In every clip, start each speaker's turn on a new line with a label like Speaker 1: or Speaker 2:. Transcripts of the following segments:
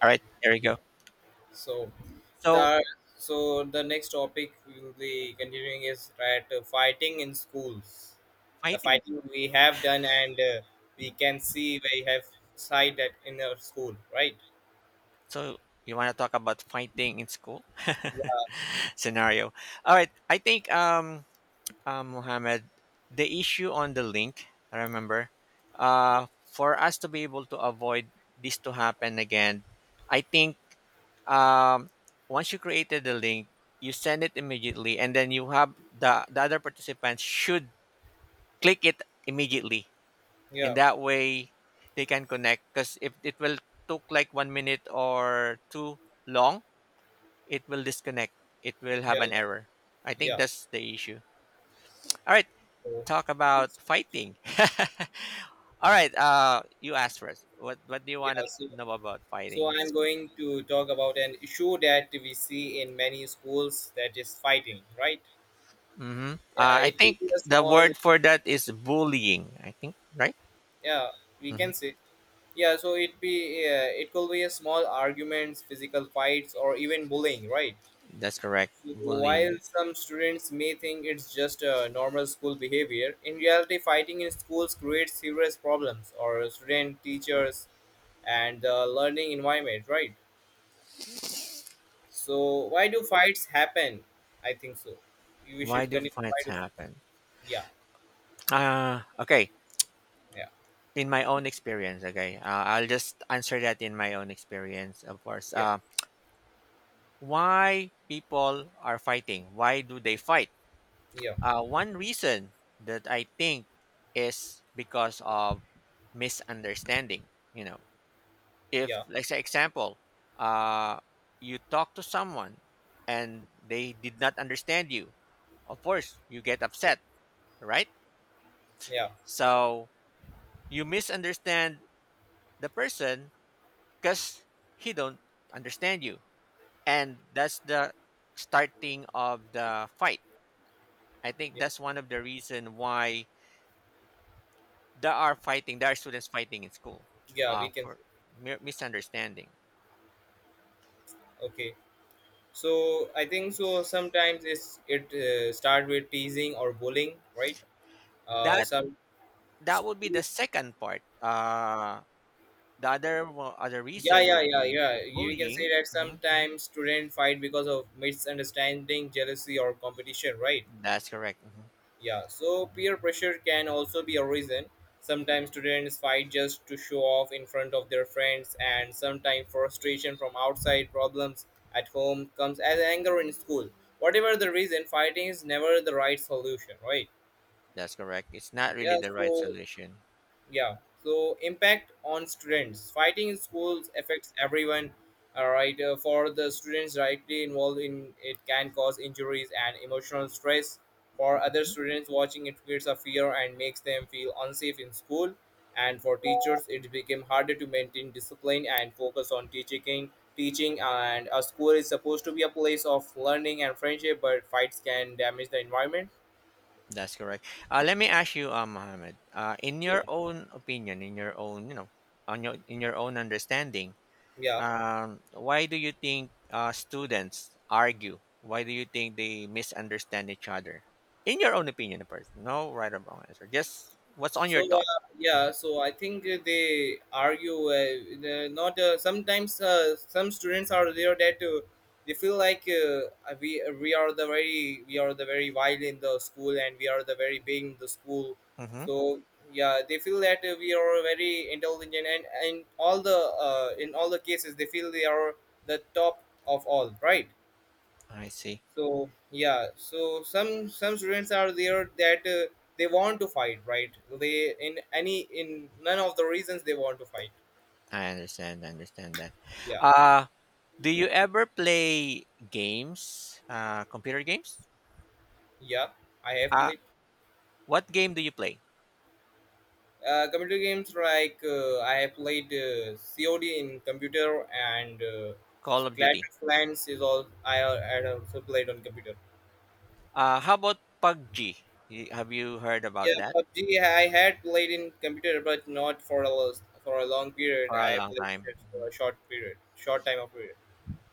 Speaker 1: All right, there you go.
Speaker 2: Good. So
Speaker 1: So
Speaker 2: the so the next topic we will be continuing is, right, fighting in schools. The
Speaker 1: fighting.
Speaker 2: fighting we have done, and we can see we have side that in our school, right?
Speaker 1: So you want to talk about fighting in school scenario? All right. I think Mohammed, the issue on the link. I remember,
Speaker 2: Yeah,
Speaker 1: for us to be able to avoid this to happen again, I think um once you created the link, you send it immediately, and then you have the other participants should click it immediately. In
Speaker 2: yeah,
Speaker 1: that way they can connect, because if it will took like 1 minute or too long, it will disconnect, it will have
Speaker 2: yeah,
Speaker 1: an error. I think
Speaker 2: yeah.
Speaker 1: that's the issue. All right,
Speaker 2: So
Speaker 1: talk about
Speaker 2: it's,
Speaker 1: fighting. All right, you asked first, what do you
Speaker 2: yeah,
Speaker 1: want to
Speaker 2: so
Speaker 1: know about
Speaker 2: so
Speaker 1: fighting?
Speaker 2: I'm
Speaker 1: So,
Speaker 2: going to talk about an issue that we see in many schools, that is fighting, right?
Speaker 1: mm-hmm.
Speaker 2: Yeah,
Speaker 1: I
Speaker 2: it could
Speaker 1: think
Speaker 2: be a
Speaker 1: the
Speaker 2: small,
Speaker 1: word for that is bullying, I think, right?
Speaker 2: yeah, we can
Speaker 1: Hmm.
Speaker 2: say Yeah, so it could be a small arguments, physical fights, or even bullying, right?
Speaker 1: That's correct,
Speaker 2: So
Speaker 1: bullying.
Speaker 2: while some students may think it's just a normal school behavior, in reality, fighting in schools creates serious problems or student, teachers, and the learning environment, right? So why do fights happen? I think so. We should
Speaker 1: Why do
Speaker 2: continue. Why
Speaker 1: fights
Speaker 2: do?
Speaker 1: happen?
Speaker 2: Yeah,
Speaker 1: Okay,
Speaker 2: yeah,
Speaker 1: in my own experience. Okay, I'll just answer that in my own experience, of course.
Speaker 2: yeah,
Speaker 1: Why people are fighting? Why do they fight?
Speaker 2: yeah,
Speaker 1: One reason that I think is because of misunderstanding, you know. If
Speaker 2: yeah,
Speaker 1: like say example, uh, you talk to someone and they did not understand you, of course you get upset, right?
Speaker 2: yeah,
Speaker 1: So you misunderstand the person because he don't understand you, and that's the starting of the fight. I think
Speaker 2: yeah.
Speaker 1: that's one of the reason why there are fighting, there are students fighting in school,
Speaker 2: yeah we can.
Speaker 1: for misunderstanding.
Speaker 2: Okay. So I think so. Sometimes it start with teasing or bullying, right?
Speaker 1: That,
Speaker 2: Some
Speaker 1: that would be the
Speaker 2: tease-
Speaker 1: second part. The other
Speaker 2: yeah,
Speaker 1: reason
Speaker 2: yeah,
Speaker 1: would
Speaker 2: yeah,
Speaker 1: be
Speaker 2: yeah. You can say
Speaker 1: bullying.
Speaker 2: that
Speaker 1: Mhm, mhm.
Speaker 2: sometimes students fight because of misunderstanding, jealousy, or competition, right?
Speaker 1: That's correct. Mhm.
Speaker 2: Yeah. So peer pressure can also be a reason. Sometimes students fight just to show off in front of their friends, and sometimes frustration from outside problems at home comes as anger in school. Whatever the reason, fighting is never the right solution, right?
Speaker 1: That's correct. It's not really
Speaker 2: Yeah,
Speaker 1: the right
Speaker 2: so
Speaker 1: solution.
Speaker 2: yeah, so impact on students. Fighting in schools affects everyone. All right, for the students directly involved, in it can cause injuries and emotional stress. For other
Speaker 1: Mhm.
Speaker 2: students watching, it creates a fear and makes them feel unsafe in school. And for teachers, it became harder to maintain discipline and focus on teaching. Teaching, and a school is supposed to be a place of learning and friendship, but fights can damage the environment.
Speaker 1: That's correct. Let me ask you, Mohammed. In your
Speaker 2: Yeah,
Speaker 1: own opinion, in your own, you know, on your in your own understanding,
Speaker 2: yeah.
Speaker 1: Why do you think students argue? Why do you think they misunderstand each other? In your own opinion, of course. No right or wrong answer. Just what's on
Speaker 2: So
Speaker 1: your thought.
Speaker 2: I think they argue. The- not sometimes some students are there that they feel like, uh, we are the very wild in the school, and we are the very big in the school.
Speaker 1: Mm-hmm.
Speaker 2: So yeah, they feel that we are very intelligent, and all the in all the cases they feel they are the top of all, right?
Speaker 1: I see.
Speaker 2: So yeah, so some students are there that they want to fight, right? They in any, in none of the reasons they want to fight.
Speaker 1: I understand. I understand that.
Speaker 2: Yeah,
Speaker 1: Uh, do you ever play games, computer games?
Speaker 2: yeah, I have
Speaker 1: Uh,
Speaker 2: played
Speaker 1: what game do you play?
Speaker 2: computer games like, I have played cod in computer, and
Speaker 1: Call of
Speaker 2: clash
Speaker 1: Duty.
Speaker 2: of clans is all I had also played on computer.
Speaker 1: How about PUBG? Have you heard about
Speaker 2: Yeah,
Speaker 1: that
Speaker 2: pubg I had played in computer, but not for a for a long period.
Speaker 1: for a
Speaker 2: I
Speaker 1: long
Speaker 2: played
Speaker 1: time?
Speaker 2: it for a short period, short time of period.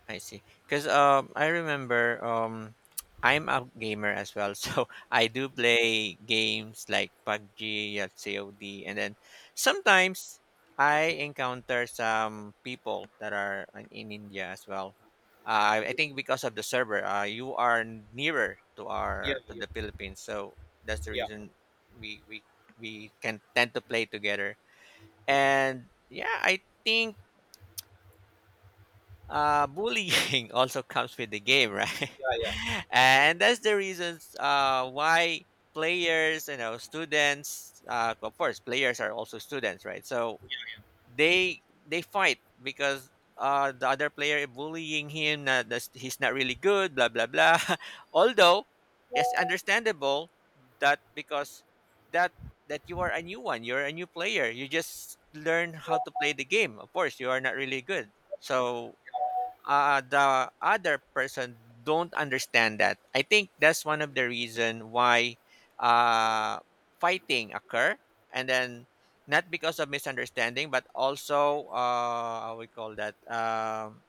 Speaker 1: I see. Because I remember I'm a gamer as well, so I do play games like PUBG, yeah, COD, and then sometimes I encounter some people that are in India as well. I think because of the server, you are nearer to
Speaker 2: yeah
Speaker 1: our to
Speaker 2: yeah
Speaker 1: the Philippines, so that's the
Speaker 2: yeah
Speaker 1: reason we we we can tend to play together. And yeah, I think bullying also comes with the game, right?
Speaker 2: yeah yeah
Speaker 1: And that's the reasons why players, you know, students, of course, players are also students, right? So they fight because the other player is bullying him, that he's not really good, blah blah blah. Although it's understandable that because that that you are a new one, you're a new player, you just learn how to play the game. Of course, you are not really good, so the other person don't understand that. I think that's one of the reason why uh, fighting occur, and then not because of misunderstanding, but also how we call that.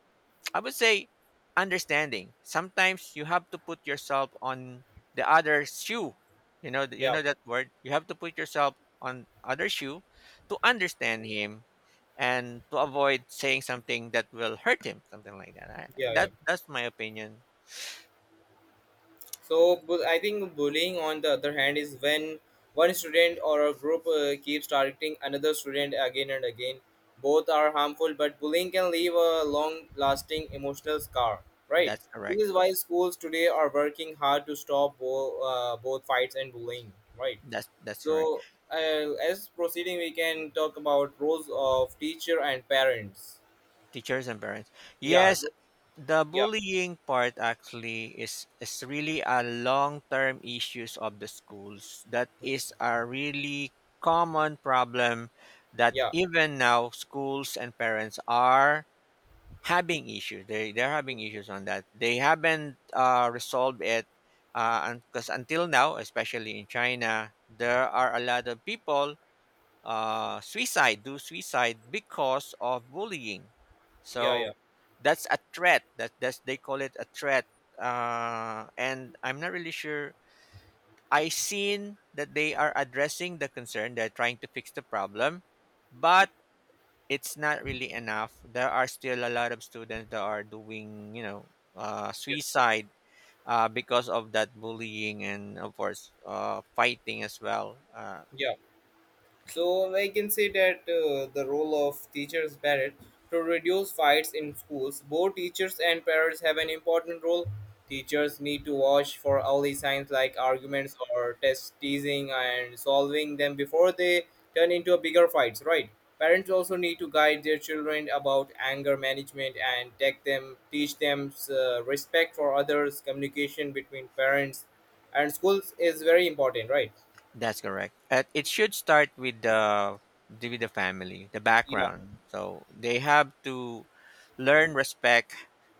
Speaker 1: I would say understanding. Sometimes you have to put yourself on the other shoe. You
Speaker 2: Yeah,
Speaker 1: know that word. You have to put yourself on other shoe to understand him and to avoid saying something that will hurt him, something like that.
Speaker 2: yeah, yeah.
Speaker 1: That that's my opinion.
Speaker 2: So I think bullying, on the other hand, is when one student or a group keeps targeting another student again and again. Both are harmful, but bullying can leave a long-lasting emotional scar. Right.
Speaker 1: That's
Speaker 2: This is
Speaker 1: correct.
Speaker 2: why schools today are working hard to stop both fights and bullying. Right.
Speaker 1: That's correct.
Speaker 2: So as proceeding, we can talk about roles of teacher and parents.
Speaker 1: Teachers and parents.
Speaker 2: Yeah.
Speaker 1: Yes, the
Speaker 2: Yeah.
Speaker 1: bullying part actually is really a long term issues of the schools. That is a really common problem that
Speaker 2: Yeah.
Speaker 1: even now schools and parents are having issues. They're having issues on that. They haven't resolved it, because until now, especially in China, there are a lot of people suicide do suicide because of bullying.
Speaker 2: Yeah. Yeah.
Speaker 1: So that's a threat. That's they call it a threat. And I'm not really sure. I seen that they are addressing the concern. They're trying to fix the problem, but it's not really enough. There are still a lot of students that are doing, you know,
Speaker 2: Yeah.
Speaker 1: suicide because of that bullying and, of course, fighting as well.
Speaker 2: Yeah. So I can say that the role of teachers Barrett to reduce fights in schools. Both teachers and parents have an important role. Teachers need to watch for early signs like arguments or test teasing, and solving them before they turn into a bigger fights, right? Parents also need to guide their children about anger management, and take them, teach them respect for others. Communication between parents and schools is very important, right?
Speaker 1: That's correct. It should start with the family, the
Speaker 2: Yeah,
Speaker 1: background. So they have to learn respect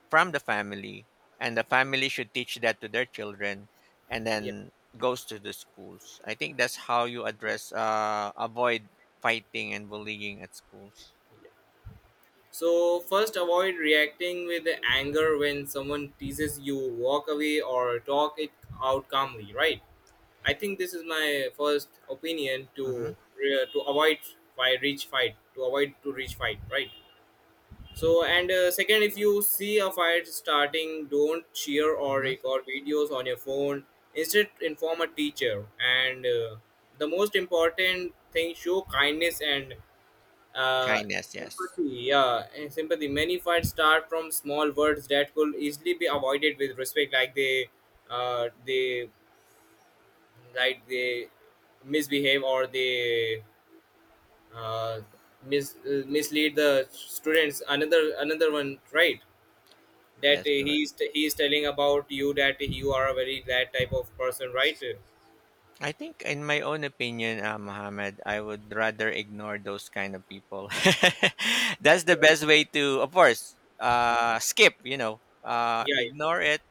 Speaker 1: from the family, and the family should teach that to their children, and
Speaker 2: yeah.
Speaker 1: then goes to the schools. I think that's how you address avoid fighting and bullying at schools.
Speaker 2: So first, avoid reacting with anger when someone teases you, walk away, or talk it out calmly, right? I think this is my first opinion
Speaker 1: Mm-hmm.
Speaker 2: to to avoid by reach fight, to avoid to reach fight, right? So, and second, if you see a fight starting, don't cheer or
Speaker 1: Mm-hmm.
Speaker 2: record videos on your phone. Instead, inform a teacher. And the most important thing, show kindness and uh,
Speaker 1: Kindness, yes,
Speaker 2: sympathy, yeah, and sympathy. Many fights start from small words that could easily be avoided with respect, like they, uh, they, they misbehave, or they uh, mislead the students. Another one, right? That
Speaker 1: that's correct.
Speaker 2: he's telling about you that you are a very that type of person, right? Yeah,
Speaker 1: I think, in my own opinion, Mohammed, I would rather ignore those kind of people. That's the
Speaker 2: yeah,
Speaker 1: best way to, of course, skip. You know,
Speaker 2: yeah, yeah.
Speaker 1: ignore it,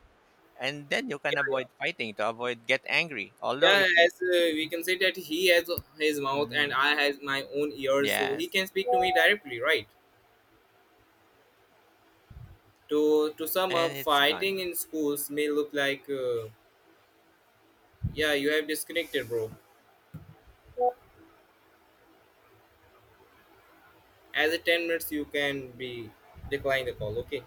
Speaker 1: and then you can
Speaker 2: Yeah.
Speaker 1: avoid fighting, to avoid get angry. Although,
Speaker 2: Yeah,
Speaker 1: if you,
Speaker 2: as we can say that he has his mouth and
Speaker 1: mhm,
Speaker 2: I has my own ears, so he
Speaker 1: yes,
Speaker 2: can speak to me directly, right? To sum
Speaker 1: and
Speaker 2: up,
Speaker 1: it's gone.
Speaker 2: fighting in schools may look like, yeah, you have disconnected, bro. As a 10 minutes, you can be decline the call. Okay.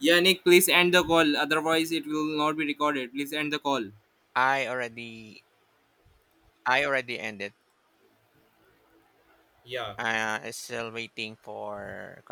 Speaker 2: Yeah, Nick, please end the call. Otherwise, it will not be recorded. Please end the call.
Speaker 1: I already, I already ended.
Speaker 2: Yeah.
Speaker 1: I'm still waiting for